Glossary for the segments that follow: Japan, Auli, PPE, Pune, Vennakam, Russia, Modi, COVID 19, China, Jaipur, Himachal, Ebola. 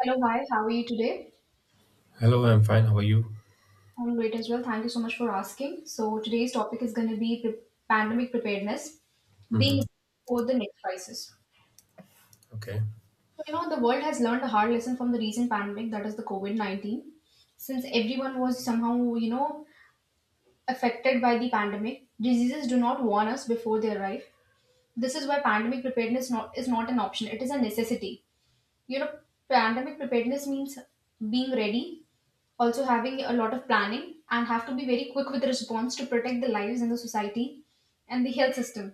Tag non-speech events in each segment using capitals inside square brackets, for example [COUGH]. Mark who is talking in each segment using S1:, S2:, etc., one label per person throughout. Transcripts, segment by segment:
S1: Hello, hi, how are you today?
S2: Hello, I'm fine. How are you?
S1: I'm great as well. Thank you so much for asking. So, today's topic is going to be pandemic preparedness, being
S2: Hmm.
S1: for the next crisis.
S2: Okay.
S1: So, the world has learned a hard lesson from the recent pandemic, that is the COVID 19. Since everyone was somehow, affected by the pandemic, diseases do not warn us before they arrive. This is why pandemic preparedness not, is not an option, it is a necessity. you know Pandemic preparedness means being ready, also having a lot of planning, and have to be very quick with response to protect the lives and the society and the health system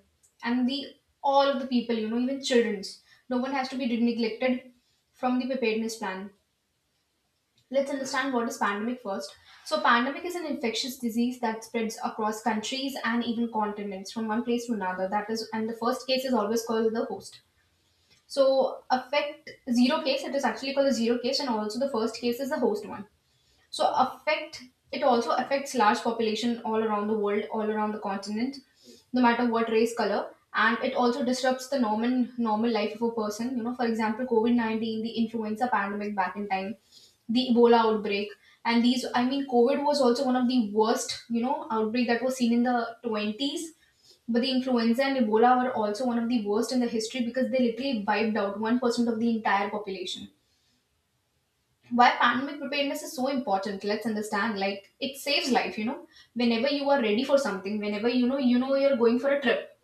S1: and the all of the people, even children's. No one has to be neglected from the preparedness plan. Let's understand what is pandemic first. So pandemic is an infectious disease that spreads across countries and even continents from one place to another, that is, and the first case is always called the host. So affect Zero case, it is actually called a zero case, and also the first case is the host one. So affect It also affects large population all around the world, all around the continent, no matter what race, color. And it also disrupts the normal life of a person, for example, COVID-19, the influenza pandemic back in time, the ebola outbreak. And these, I mean, covid was also one of the worst, outbreak that was seen in the 20s. But the influenza and ebola were also one of the worst in the history, because they literally wiped out 1% of the entire population. Why pandemic preparedness is so important, let's understand. Like, it saves life, you know. Whenever you are ready for something, whenever you're going for a trip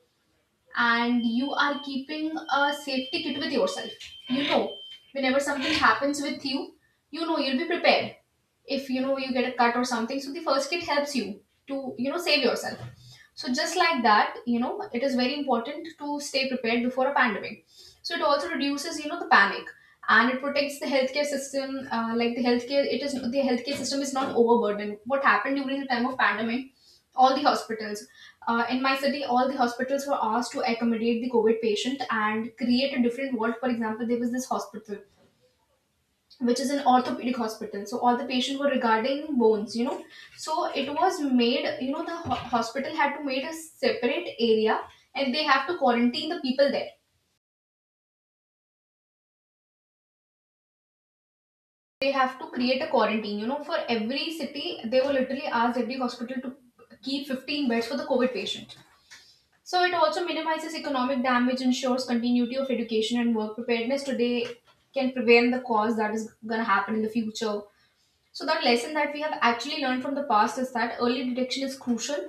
S1: and you are keeping a safety kit with yourself. You know, Whenever something happens with you, you know you'll be prepared. If you know you get a cut or something, so the first kit helps you to save yourself. So just like that, it is very important to stay prepared before a pandemic. So it also reduces the panic, and it protects the healthcare system. Like the healthcare, it is the healthcare system is not overburdened. What happened during the time of pandemic? All the hospitals, in my city, all the hospitals were asked to accommodate the COVID patient and create a different ward. For example, there was this hospital which is an orthopedic hospital. So all the patients were regarding bones. So it was made, the hospital had to made a separate area, and they have to quarantine the people there. They have to create a quarantine, for every city. They were literally asked every hospital to keep 15 beds for the COVID patient. So it also minimizes economic damage, ensures continuity of education and work. Preparedness today can prevent the cause that is going to happen in the future. So that lesson that we have actually learned from the past is that early detection is crucial.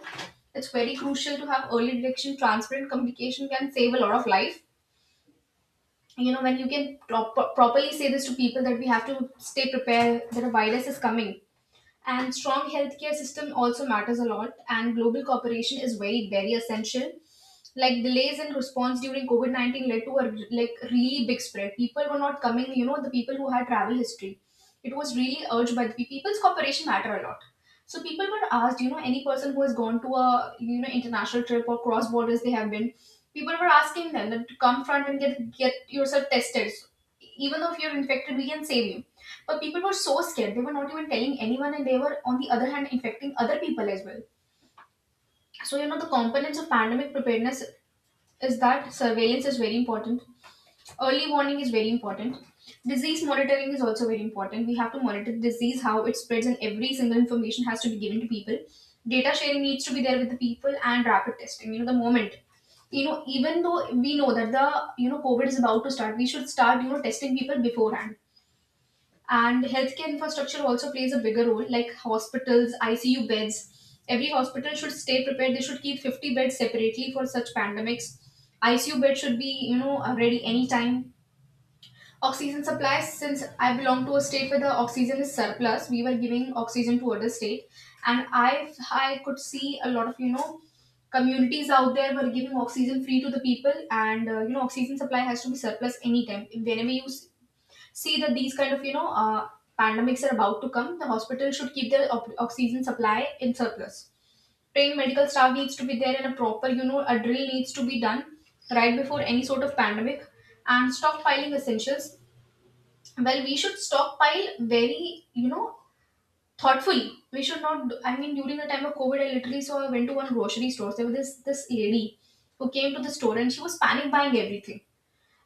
S1: It's very crucial to have early detection. Transparent communication can save a lot of life. When you can properly say this to people that we have to stay prepared, that a virus is coming. And strong healthcare system also matters a lot, and global cooperation is very, very essential. Like, delays in response during COVID-19 led to a, like, really big spread. People were not coming, the people who had travel history. It was really urged by the people's cooperation, matter a lot. So people were asked, any person who has gone to a, international trip or cross borders, they have been, people were asking them that to come front and get yourself tested. So, even though if you're infected, we can save you. But people were so scared; they were not even telling anyone, and they were on the other hand infecting other people as well. So, the components of pandemic preparedness is that surveillance is very important. Early warning is very important. Disease monitoring is also very important. We have to monitor the disease, how it spreads, and every single information has to be given to people. Data sharing needs to be there with the people and rapid testing. You know, the moment you know, even though we know that the COVID is about to start, we should start testing people beforehand. And healthcare infrastructure also plays a bigger role, like hospitals, icu beds. Every hospital should stay prepared. They should keep 50 beds separately for such pandemics. Icu beds should be, ready anytime. Oxygen supply, since I belong to a state where the oxygen is surplus, we were giving oxygen to other state. And I could see a lot of, communities out there were giving oxygen free to the people. And oxygen supply has to be surplus anytime whenever you see that these kind of, pandemics are about to come, the hospital should keep their oxygen supply in surplus. Trained medical staff needs to be there, and a proper, a drill needs to be done right before any sort of pandemic. And stockpiling essentials. Well, we should stockpile very, thoughtfully. We should not, I mean, during the time of covid, I literally saw, I went to one grocery store, there was this lady who came to the store and she was panic buying everything,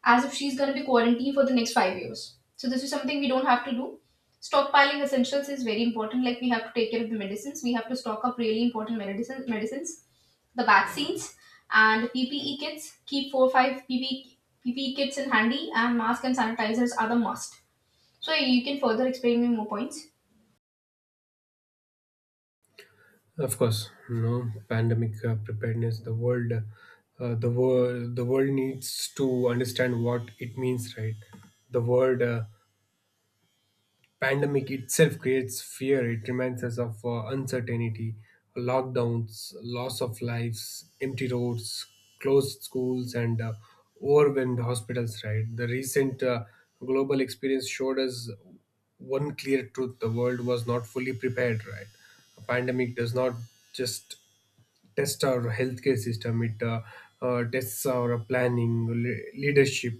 S1: as if she's going to be quarantined for the next 5 years. So this is something we don't have to do. Stockpiling essentials is very important. Like, we have to take care of the medicines. We have to stock up really important medicine, medicines, the vaccines, and PPE kits. Keep four or five PPE kits in handy, and masks and sanitizers are the must. So you can further explain me more points.
S2: Of course, no pandemic, preparedness. The world needs to understand what it means, right? The world Pandemic itself creates fear. It reminds us of uncertainty, lockdowns, loss of lives, empty roads, closed schools, and overwhelmed hospitals. Right. The recent global experience showed us one clear truth: the world was not fully prepared. Right. A pandemic does not just test our healthcare system. It tests our planning, leadership,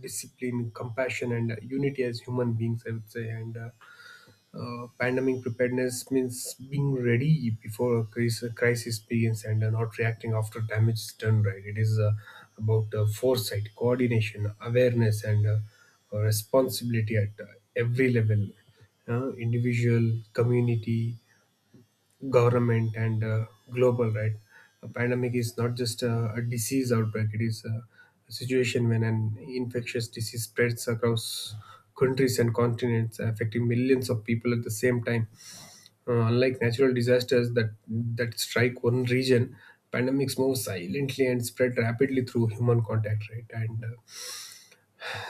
S2: discipline, compassion, and unity as human beings, I would say. And Pandemic preparedness means being ready before a crisis begins, and not reacting after damage is done, right? It is about foresight, coordination, awareness, and responsibility at every level: individual, community, government, and global. Right. A pandemic is not just a disease outbreak, it is a situation when an infectious disease spreads across countries and continents, affecting millions of people at the same time. Unlike natural disasters that strike one region, pandemics move silently and spread rapidly through human contact, right? And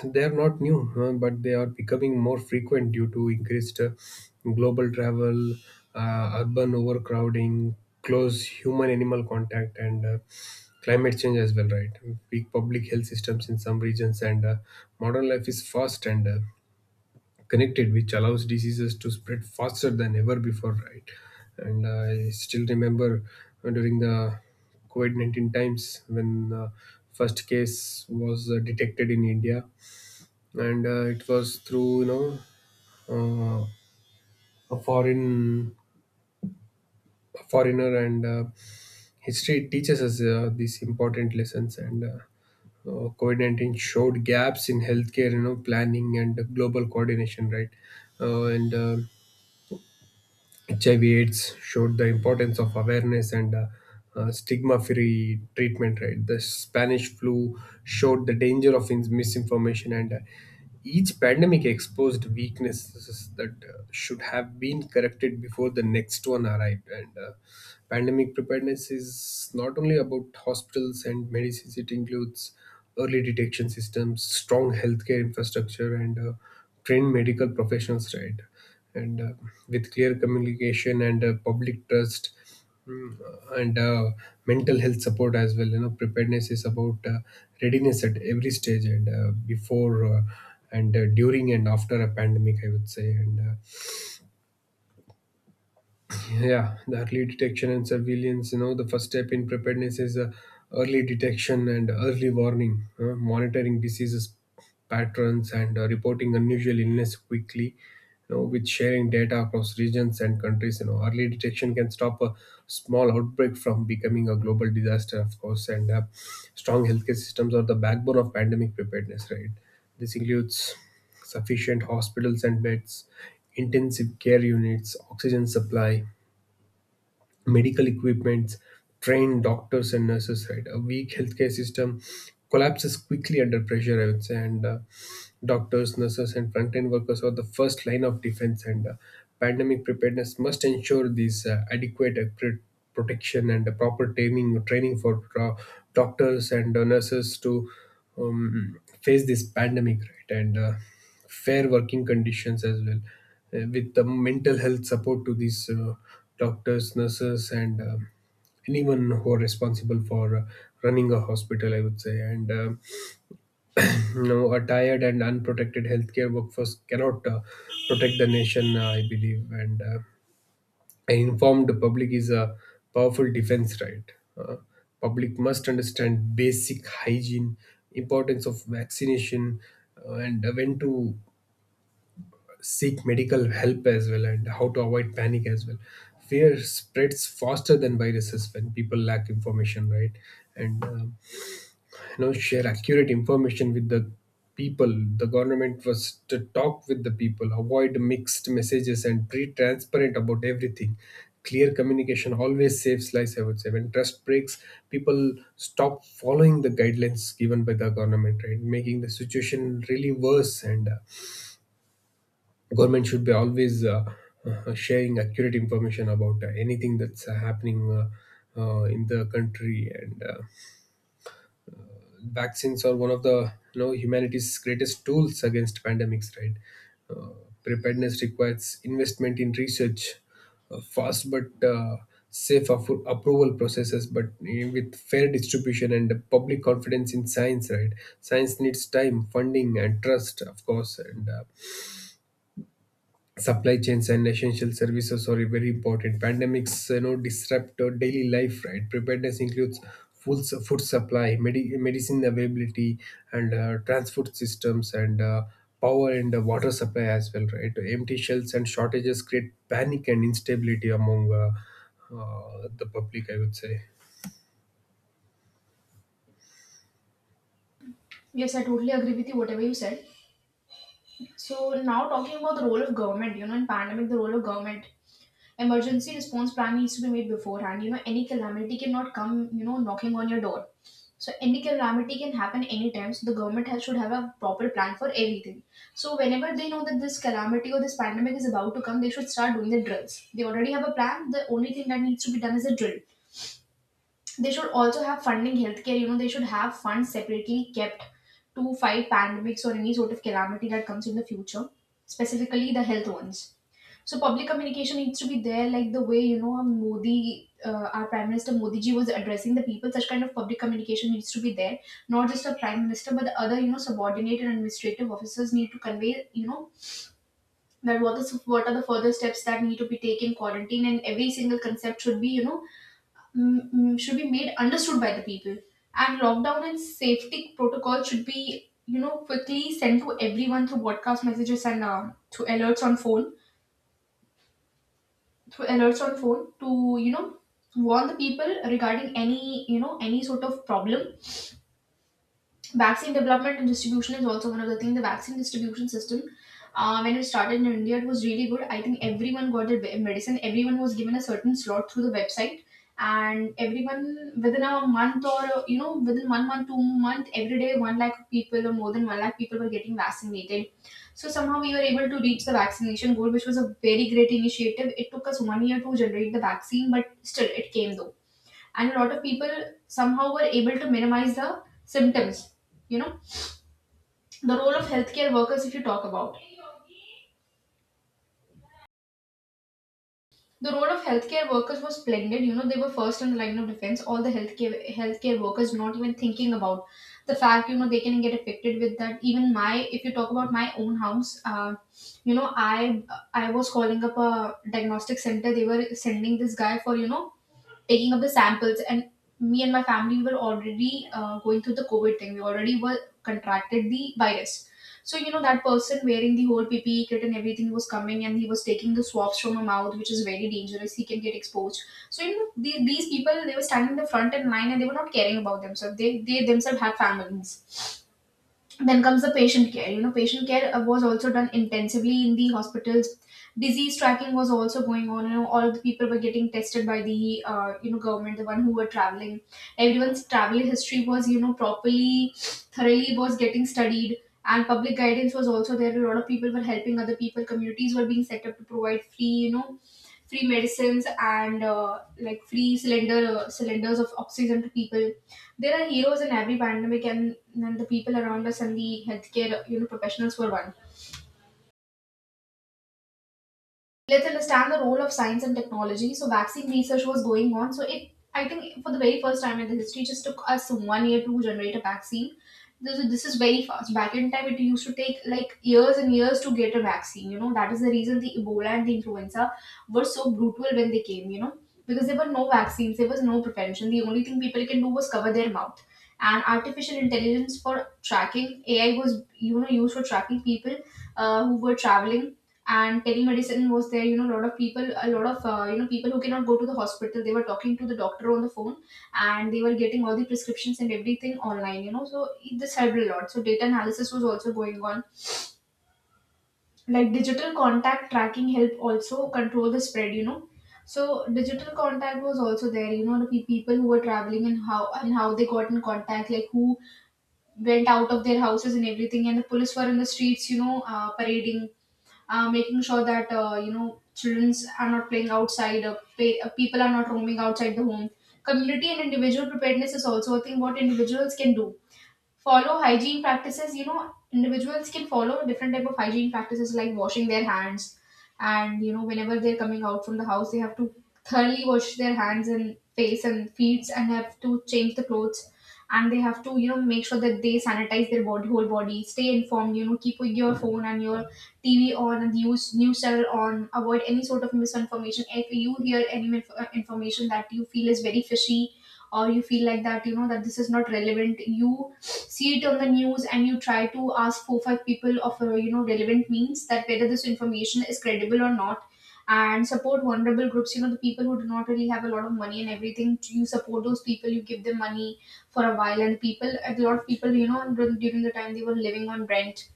S2: they are not new, but they are becoming more frequent due to increased global travel, urban overcrowding, close human animal contact, and climate change as well, right? Weak public health systems in some regions. And modern life is fast and connected, which allows diseases to spread faster than ever before, right? And I still remember, during the COVID 19 times, when first case was detected in India, yeah. And it was through, you know, uh, a foreign a foreigner. And history teaches us these important lessons. And covid-19 showed gaps in healthcare, you know, planning and global coordination, right? And HIV/AIDS showed the importance of awareness and stigma-free treatment. Right, the Spanish flu showed the danger of misinformation, and each pandemic exposed weaknesses that should have been corrected before the next one arrived. And pandemic preparedness is not only about hospitals and medicines; it includes early detection systems, strong healthcare infrastructure, and trained medical professionals. Right. And with clear communication and public trust, mm, and mental health support as well, you know. Preparedness is about readiness at every stage, and before and during and after a pandemic, I would say. And yeah, the early detection and surveillance. You know, the first step in preparedness is early detection and early warning, monitoring diseases patterns and reporting unusual illness quickly. You know, with sharing data across regions and countries, you know, early detection can stop a small outbreak from becoming a global disaster, of course. And strong healthcare systems are the backbone of pandemic preparedness, right? This includes sufficient hospitals and beds, intensive care units, oxygen supply, medical equipment, trained doctors and nurses, right? A weak healthcare system collapses quickly under pressure, I would say. And doctors, nurses, and frontline workers are the first line of defense, and pandemic preparedness must ensure these adequate protection and proper training for doctors and nurses to face this pandemic, right? And fair working conditions as well, with the mental health support to these doctors, nurses, and anyone who are responsible for running a hospital, I would say. And [CLEARS THROAT] no, a tired and unprotected healthcare workforce cannot protect the nation, I believe. And an informed public is a powerful defense, right? Uh, Public must understand basic hygiene, importance of vaccination, and when to seek medical help as well, and how to avoid panic as well. Fear spreads faster than viruses when people lack information, right? And you know, share accurate information with the people. The government was to talk with the people, avoid mixed messages, and be transparent about everything. Clear communication always saves lives, I would say. When trust breaks, people stop following the guidelines given by the government, right, making the situation really worse. And government should be always sharing accurate information about anything that's happening in the country. And vaccines are one of the, you know, humanity's greatest tools against pandemics, right? uh, Preparedness requires investment in research, fast but safe approval processes, but with fair distribution and public confidence in science, right? Science needs time, funding, and trust, of course. And supply chains and essential services are very important. Pandemics, you know, disrupt our daily life, right? Preparedness includes food supply, medicine availability, and transport systems, and power and water supply as well, right? Empty shelves and shortages create panic and instability among the public, I would say.
S1: Yes, I totally agree with you. Whatever you said. So now, talking about the role of government, in pandemic, the role of government, emergency response plan needs to be made beforehand. Any calamity cannot come, knocking on your door. So any calamity can happen anytime. So the government has, should have a proper plan for everything. So whenever they know that this calamity or this pandemic is about to come, they should start doing the drills. They already have a plan. The only thing that needs to be done is a drill. They should also have funding healthcare, they should have funds separately kept to fight pandemics or any sort of calamity that comes in the future, specifically the health ones. So public communication needs to be there, like the way, Modi, our Prime Minister Modi ji was addressing the people. Such kind of public communication needs to be there, not just the Prime Minister, but the other, subordinate and administrative officers need to convey, that what are the further steps that need to be taken. Quarantine and every single concept should be, should be made understood by the people. And lockdown and safety protocol should be, quickly sent to everyone through broadcast messages and through alerts on phone, to warn the people regarding any you know any sort of problem. Vaccine development and distribution is also one of the things. The vaccine distribution system, when it started in India, it was really good. I think everyone got their medicine. Everyone was given a certain slot through the website, and everyone within a month or within one month, 2 month, every day one lakh people or more than one lakh people were getting vaccinated. So somehow we were able to reach the vaccination goal, which was a very great initiative. It took us 1 year to generate the vaccine, but still it came though, and a lot of people somehow were able to minimize the symptoms. you know the role of healthcare workers, if you talk about the role of healthcare workers, was splendid. You know, they were first in the line of defense, all the healthcare workers not even thinking about the fact, you know, they can get affected with that. Even my If you talk about my own house, you know, I was calling up a diagnostic center. They were sending this guy for, you know, taking up the samples, and me and my family, we were already going through the COVID thing. We already were contracted the virus. So, you know, that person wearing the whole PPE kit and everything was coming, and he was taking the swabs from her mouth, which is very dangerous. He can get exposed. So, you know, these people, they were standing in the front and line, and they were not caring about themselves. They themselves had families. Then comes the patient care. You know, patient care was also done intensively in the hospitals. Disease tracking was also going on. You know, all of the people were getting tested by the government, the one who were traveling. Everyone's travel history was, you know, properly, thoroughly was getting studied. And public guidance was also there. A lot of people were helping other people. Communities were being set up to provide free you know free medicines and like free cylinders of oxygen to people. There are heroes in every pandemic, and the people around us and the healthcare, you know, professionals were one. Let's understand the role of science and technology. So vaccine research was going on. So it, I think, for the very first time in the history, just took us 1 year to generate a vaccine. This is very fast. Back in time, it used to take like years and years to get a vaccine. You know, that is the reason the Ebola and the influenza were so brutal when they came. You know, because there were no vaccines, there was no prevention. The only thing people can do was cover their mouth. And artificial intelligence for tracking, AI was, you know, used for tracking people who were traveling. And telemedicine was there. You know, a lot of people, a lot of people who cannot go to the hospital, they were talking to the doctor on the phone, and they were getting all the prescriptions and everything online. You know, so this helped a lot. So data analysis was also going on, like digital contact tracking help also control the spread, you know. So digital contact was also there, you know, the people who were traveling and how they got in contact, like who went out of their houses and everything. And the police were in the streets, you know, parading, making sure that, you know, children are not playing outside, people are not roaming outside the home. Community and individual preparedness is also a thing. What individuals can do, follow hygiene practices. You know, individuals can follow different type of hygiene practices, like washing their hands. And, you know, whenever they're coming out from the house, they have to thoroughly wash their hands and face and feet and have to change the clothes, and they have to, you know, make sure that they sanitize their body, whole body. Stay informed, you know, keep your phone and your TV on and use news channel on. Avoid any sort of misinformation. If you hear any information that you feel is very fishy, or you feel like that, you know, that this is not relevant, you see it on the news and you try to ask 4 5 people of, relevant means, that whether this information is credible or not. And support vulnerable groups, you know, the people who do not really have a lot of money and everything, you support those people, you give them money for a while. And people a lot of people, you know, during the time they were living on rent,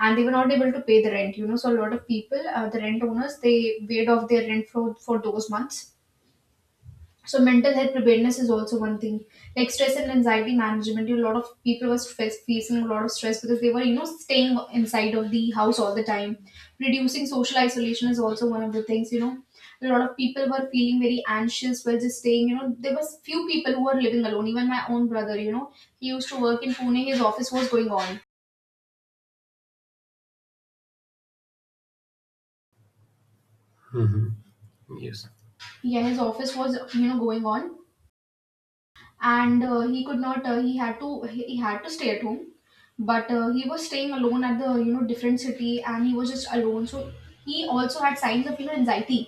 S1: and they were not able to pay the rent. You know, so a lot of people, the rent owners, they waived off their rent for those months. So mental health preparedness is also one thing. Like stress and anxiety management, a lot of people were stress, facing a lot of stress because they were, you know, staying inside of the house all the time. Reducing social isolation is also one of the things, you know. A lot of people were feeling very anxious while just staying, you know. There was few people who were living alone. Even my own brother, you know, he used to work in Pune. His office was going on.
S2: Mhm. Yes.
S1: Yeah, his office was, you know, going on. And he could not, he had to, he had to stay at home. But he was staying alone at the, you know, different city, and he was just alone. So he also had signs of, you know, anxiety.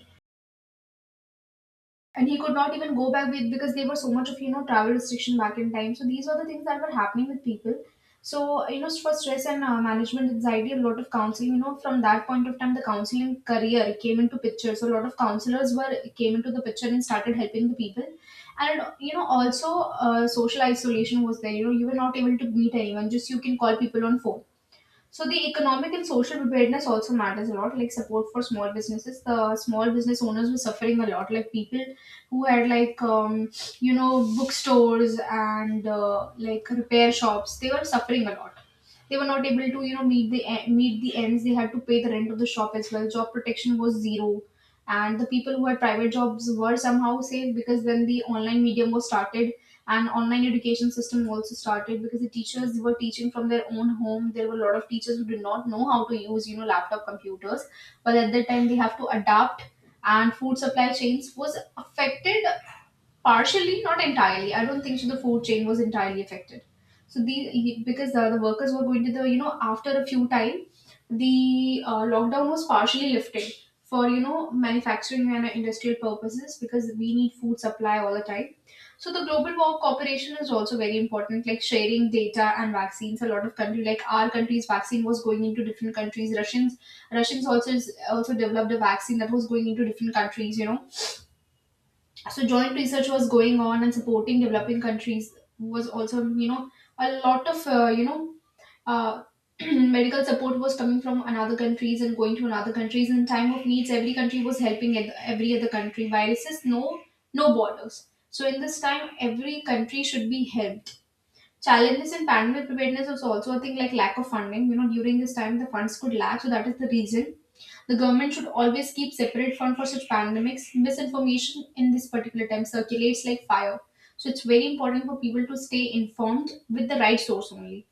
S1: And he could not even go back with, because there were so much of, you know, travel restriction back in time. So these are the things that were happening with people. So you know, for stress and, management anxiety, a lot of counseling, you know, from that point of time the counseling career came into picture. So a lot of counselors were came into the picture and started helping the people. And, you know, also, social isolation was there. You know, you were not able to meet anyone, just you can call people on phone. So the economic and social preparedness also matters a lot, like support for small businesses. The small business owners were suffering a lot, like people who had like, you know, bookstores and, like repair shops. They were suffering a lot. They were not able to, you know, meet the meet the ends. They had to pay the rent of the shop as well. Job protection was zero, and the people who had private jobs were somehow safe, because then the online medium was started, and online education system also started, because the teachers were teaching from their own home. There were a lot of teachers who did not know how to use, you know, laptop computers, but at that time they have to adapt. And food supply chains was affected partially, not entirely. I don't think so the food chain was entirely affected. So the, because the workers were going to the, you know, after a few time the lockdown was partially lifted for, you know, manufacturing and industrial purposes, because we need food supply all the time. So the global war cooperation is also very important, like sharing data and vaccines. A lot of country, like our country's vaccine was going into different countries. Russians also is, also developed a vaccine that was going into different countries. You know, so joint research was going on. And supporting developing countries was also, you know, a lot of, uh, [CLEARS THROAT] medical support was coming from another countries and going to another countries in time of needs. Every country was helping every other country. Viruses no, no borders. So in this time every country should be helped. Challenges in pandemic preparedness was also a thing, like lack of funding. You know, during this time the funds could lack, so that is the reason. The government should always keep separate fund for such pandemics. Misinformation in this particular time circulates like fire. So it's very important for people to stay informed with the right source only.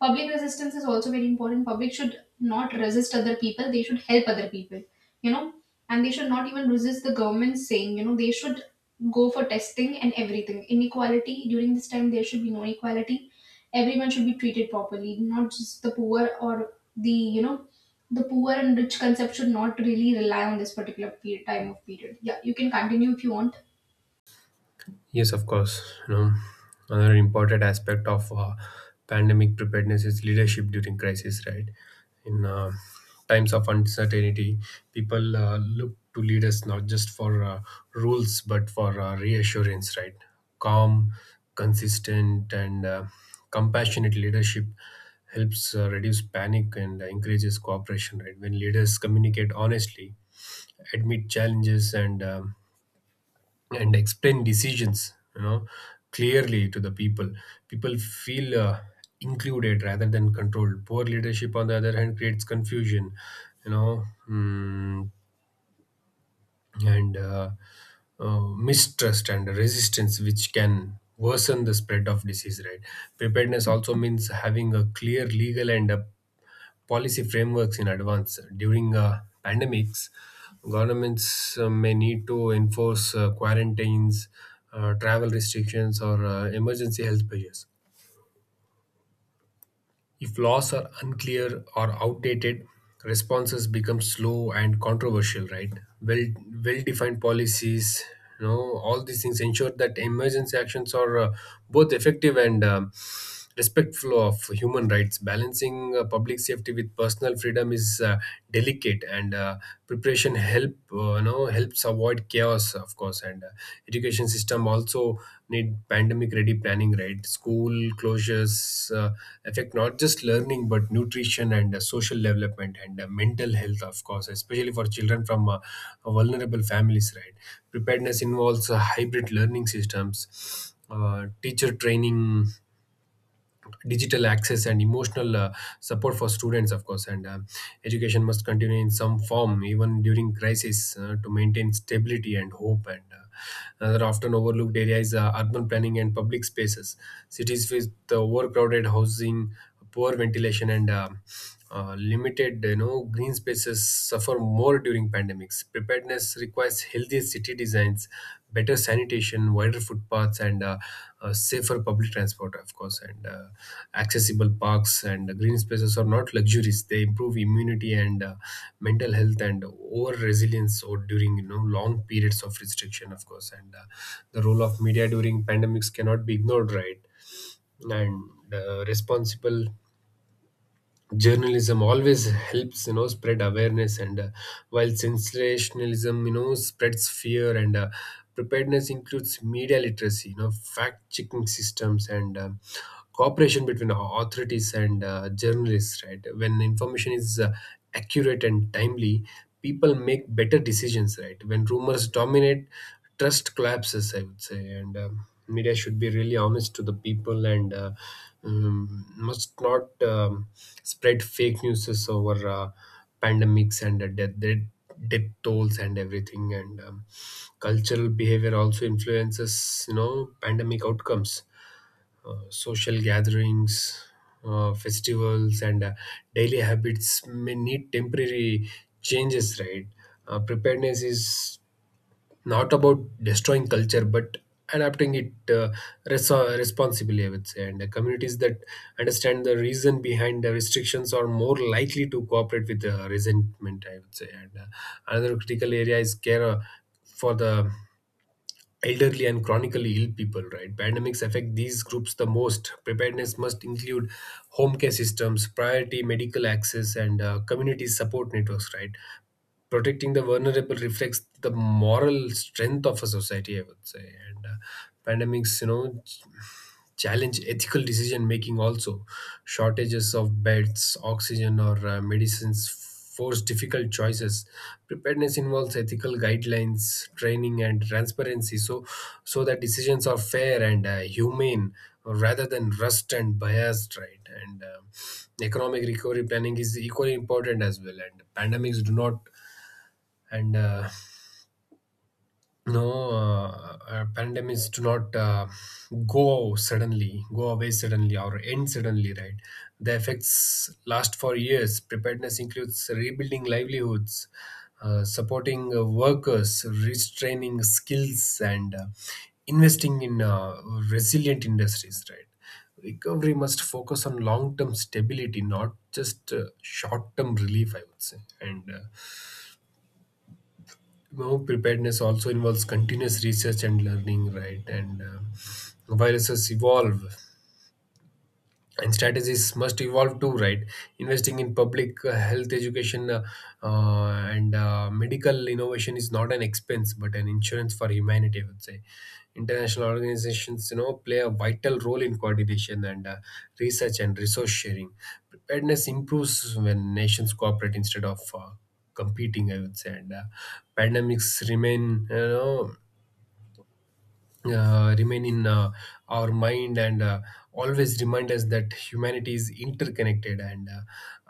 S1: Public resistance is also very important. Public should not resist other people, they should help other people, you know, and they should not even resist the government saying, you know, they should go for testing and everything. Inequality during this time, there should be no equality. Everyone should be treated properly, not just the poor or the, you know, the poor and rich concept should not really rely on this particular period, time of period. Yeah, you can continue if you want.
S2: Yes, of course. You know, another important aspect of pandemic preparedness is leadership during crisis, right? In times of uncertainty, people look to leaders not just for rules but for reassurance, right? Calm, consistent, and compassionate leadership helps reduce panic and encourages cooperation, right? When leaders communicate honestly, admit challenges, and explain decisions, you know, clearly to the people, people feel included rather than controlled. Poor leadership, on the other hand, creates confusion, you know, mm, and mistrust and resistance, which can worsen the spread of disease, right? Preparedness also means having a clear legal and policy frameworks in advance. During pandemics, governments may need to enforce quarantines, travel restrictions, or emergency health measures. If laws are unclear or outdated, responses become slow and controversial, right? Well, well-defined policies, you know, all these things ensure that emergency actions are both effective and respectful of human rights. Balancing public safety with personal freedom is delicate, and preparation help, you know, helps avoid chaos, of course. And education system also need pandemic ready planning, right? School closures uh, affect not just learning but nutrition and social development and mental health, of course, especially for children from vulnerable families, right? Preparedness involves hybrid learning systems, uh, teacher training, digital access, and emotional support for students, of course. And education must continue in some form even during crisis, to maintain stability and hope. And another often overlooked area is urban planning and public spaces. Cities with overcrowded housing, poor ventilation, and limited, you know, green spaces suffer more during pandemics. Preparedness requires healthier city designs, better sanitation, wider footpaths, and safer public transport, of course. And accessible parks and green spaces are not luxuries. They improve immunity and mental health and over resilience, or during, you know, long periods of restriction, of course. And the role of media during pandemics cannot be ignored, right? And responsible journalism always helps, you know, spread awareness, and while sensationalism, you know, spreads fear. And preparedness includes media literacy, you know, fact checking systems, and cooperation between authorities and journalists, right? When information is accurate and timely, people make better decisions, right? When rumors dominate, trust collapses, I would say. And media should be really honest to the people, and must not spread fake news over pandemics and death tolls and everything. And cultural behavior also influences, you know, pandemic outcomes. Social gatherings, festivals, and daily habits may need temporary changes, right? Preparedness is not about destroying culture but adapting it res- responsibly, I would say. And the communities that understand the reason behind the restrictions are more likely to cooperate, with the resentment, I would say. And another critical area is care for the elderly and chronically ill people, right? Pandemics affect these groups the most. Preparedness must include home care systems, priority medical access, and community support networks, right? Protecting the vulnerable reflects the moral strength of a society, I would say. And pandemics, you know, challenge ethical decision making also. Shortages of beds, oxygen, or medicines force difficult choices. Preparedness involves ethical guidelines, training, and transparency, so so that decisions are fair and humane rather than rust and biased, right? And economic recovery planning is equally important as well. And and uh, no, pandemics do not go suddenly, go away suddenly, or end suddenly, right? The effects last for years. Preparedness includes rebuilding livelihoods, supporting workers, restraining skills, and investing in resilient industries, right? Recovery must focus on long term stability, not just short term relief, I would say. And know, preparedness also involves continuous research and learning, right? And viruses evolve, and strategies must evolve too, right? Investing in public health education uh, and medical innovation is not an expense but an insurance for humanity, I would say. International organizations, you know, play a vital role in coordination and research and resource sharing. Preparedness improves when nations cooperate instead of competing, I would say. And pandemics remain, you know, remain in our mind, and always remind us that humanity is interconnected, and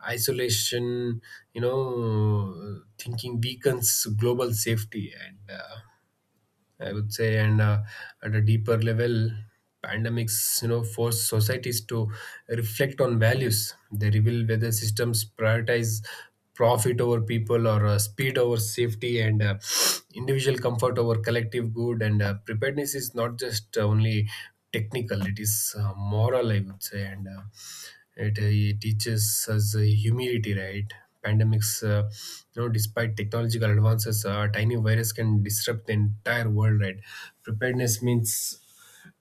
S2: isolation, you know, thinking weakens global safety, and I would say. And at a deeper level, pandemics, you know, force societies to reflect on values. They reveal whether systems prioritize profit over people, or speed over safety, and individual comfort over collective good. And preparedness is not just only technical; it is moral, I would say. And it teaches us humility, right? Pandemics. You know, despite technological advances, a tiny virus can disrupt the entire world, right? Preparedness means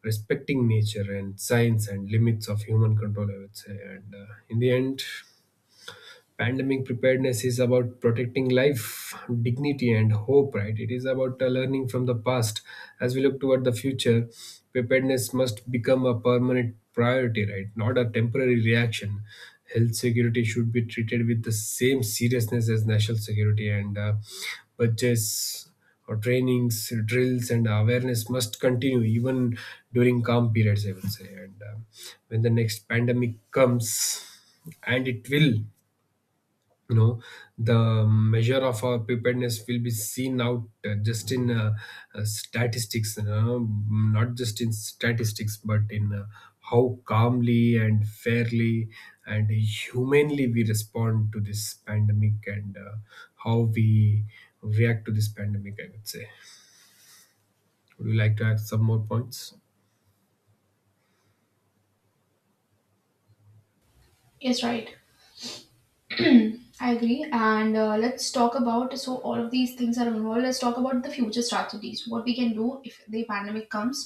S2: respecting nature and science and limits of human control, I would say. And in the end, pandemic preparedness is about protecting life, dignity, and hope, right? It is about learning from the past. As we look toward the future, preparedness must become a permanent priority, right, not a temporary reaction. Health security should be treated with the same seriousness as national security, and budgets or trainings, drills, and awareness must continue even during calm periods, I will say. And when the next pandemic comes, and it will, you know, the measure of our preparedness will be seen out, just in statistics you know, not just in statistics, but in how calmly and fairly and humanely we respond to this pandemic, and how we react to this pandemic, I would say. Would you like to add some more points?
S1: Yes, right. [CLEARS THROAT] I agree. And let's talk about, so all of these things are involved. Let's talk about the future strategies. What we can do if the pandemic comes.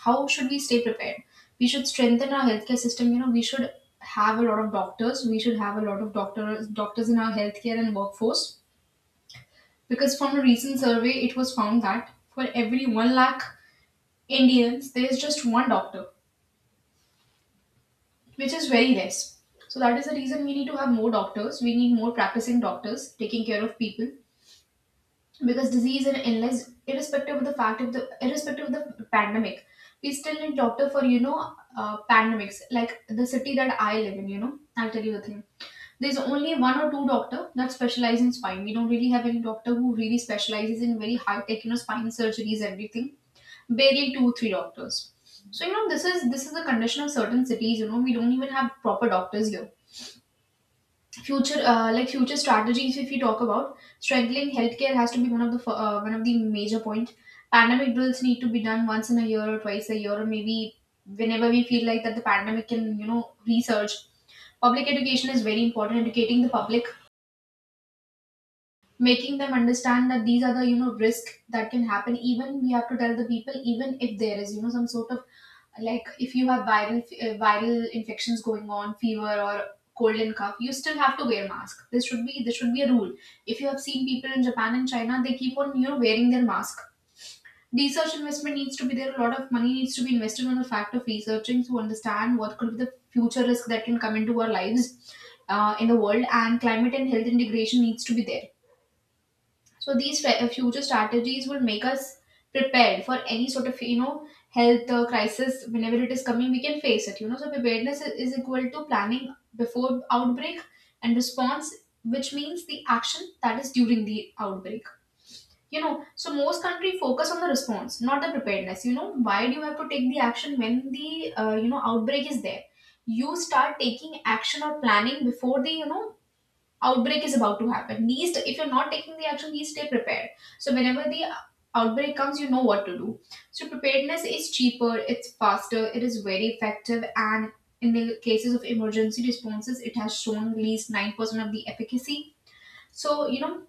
S1: How should we stay prepared? We should strengthen our healthcare system. You know, we should have a lot of doctors. We should have a lot of doctors in our healthcare and workforce. Because from a recent survey, it was found that for every 1 lakh Indians, there is just 1 doctor, which is very less. So that is the reason we need to have more doctors. We need more practicing doctors taking care of people, because disease and illness, irrespective of the fact of the, irrespective of the pandemic, we still need doctor for, you know, pandemics. Like the city that I live in, you know, I'll tell you the thing, there's only one or two doctor that specialize in spine. We don't really have any doctor who really specializes in very high tech, you know, spine surgeries, everything. Barely 2 3 doctors. So, you know, this is the condition of certain cities. You know, we don't even have proper doctors here. Future, future strategies, if you talk about strengthening healthcare, has to be one of the one of the major point. Pandemic drills need to be done once in a year or twice a year, or maybe whenever we feel like that the pandemic can, you know, research. Public education is very important. Educating the public, making them understand that these are the, you know, risk that can happen. Even we have to tell the people, even if there is, you know, some sort of, like if you have viral, viral infections going on, fever or cold and cough, you still have to wear mask. This should be a rule. If you have seen people in Japan and China, they keep on, you know, wearing their mask. Research investment needs to be there, a lot of money needs to be invested on the fact of researching to understand what could be the future risk that can come into our lives, in the world. And climate and health integration needs to be there. So these future strategies will make us prepared for any sort of, you know, health, crisis, whenever it is coming. We can face it. You know, so preparedness is, equal to planning before outbreak and response, which means the action that is during the outbreak. You know, so most country focus on the response, not the preparedness. You know, why do you have to take the action when the, outbreak is there? You start taking action or planning before the, you know, outbreak is about to happen. Least if you're not taking the action, least stay prepared. So whenever the outbreak comes, you know what to do. So preparedness is cheaper, it's faster, it is very effective, and in the cases of emergency responses, it has shown at least 9% of the efficacy. So, you know,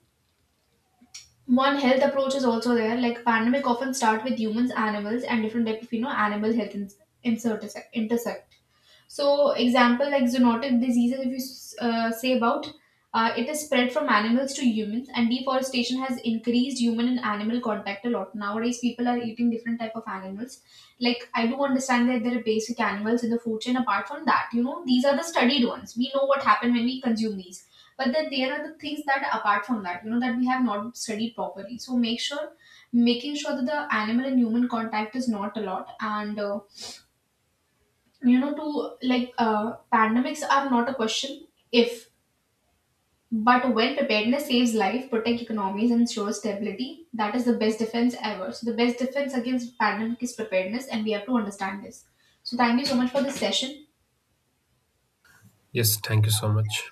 S1: one health approach is also there, like pandemic often start with humans, animals, and different type of, you know, animal health intersect intersect. So, example like zoonotic diseases, if you say about, it is spread from animals to humans, and deforestation has increased human and animal contact a lot. Nowadays, people are eating different type of animals. Like I do understand that there are basic animals in the food chain. Apart from that, you know, these are the studied ones. We know what happened when we consume these, but then there are the things that apart from that, you know, that we have not studied properly. So make sure, making sure that the animal and human contact is not a lot. And you know, to like, pandemics are not a question if, but when. Preparedness saves life, protect economies, and ensures stability. That is the best defense ever. So the best defense against pandemic is preparedness, and we have to understand this. So thank you so much for this session.
S2: Yes, thank you so much.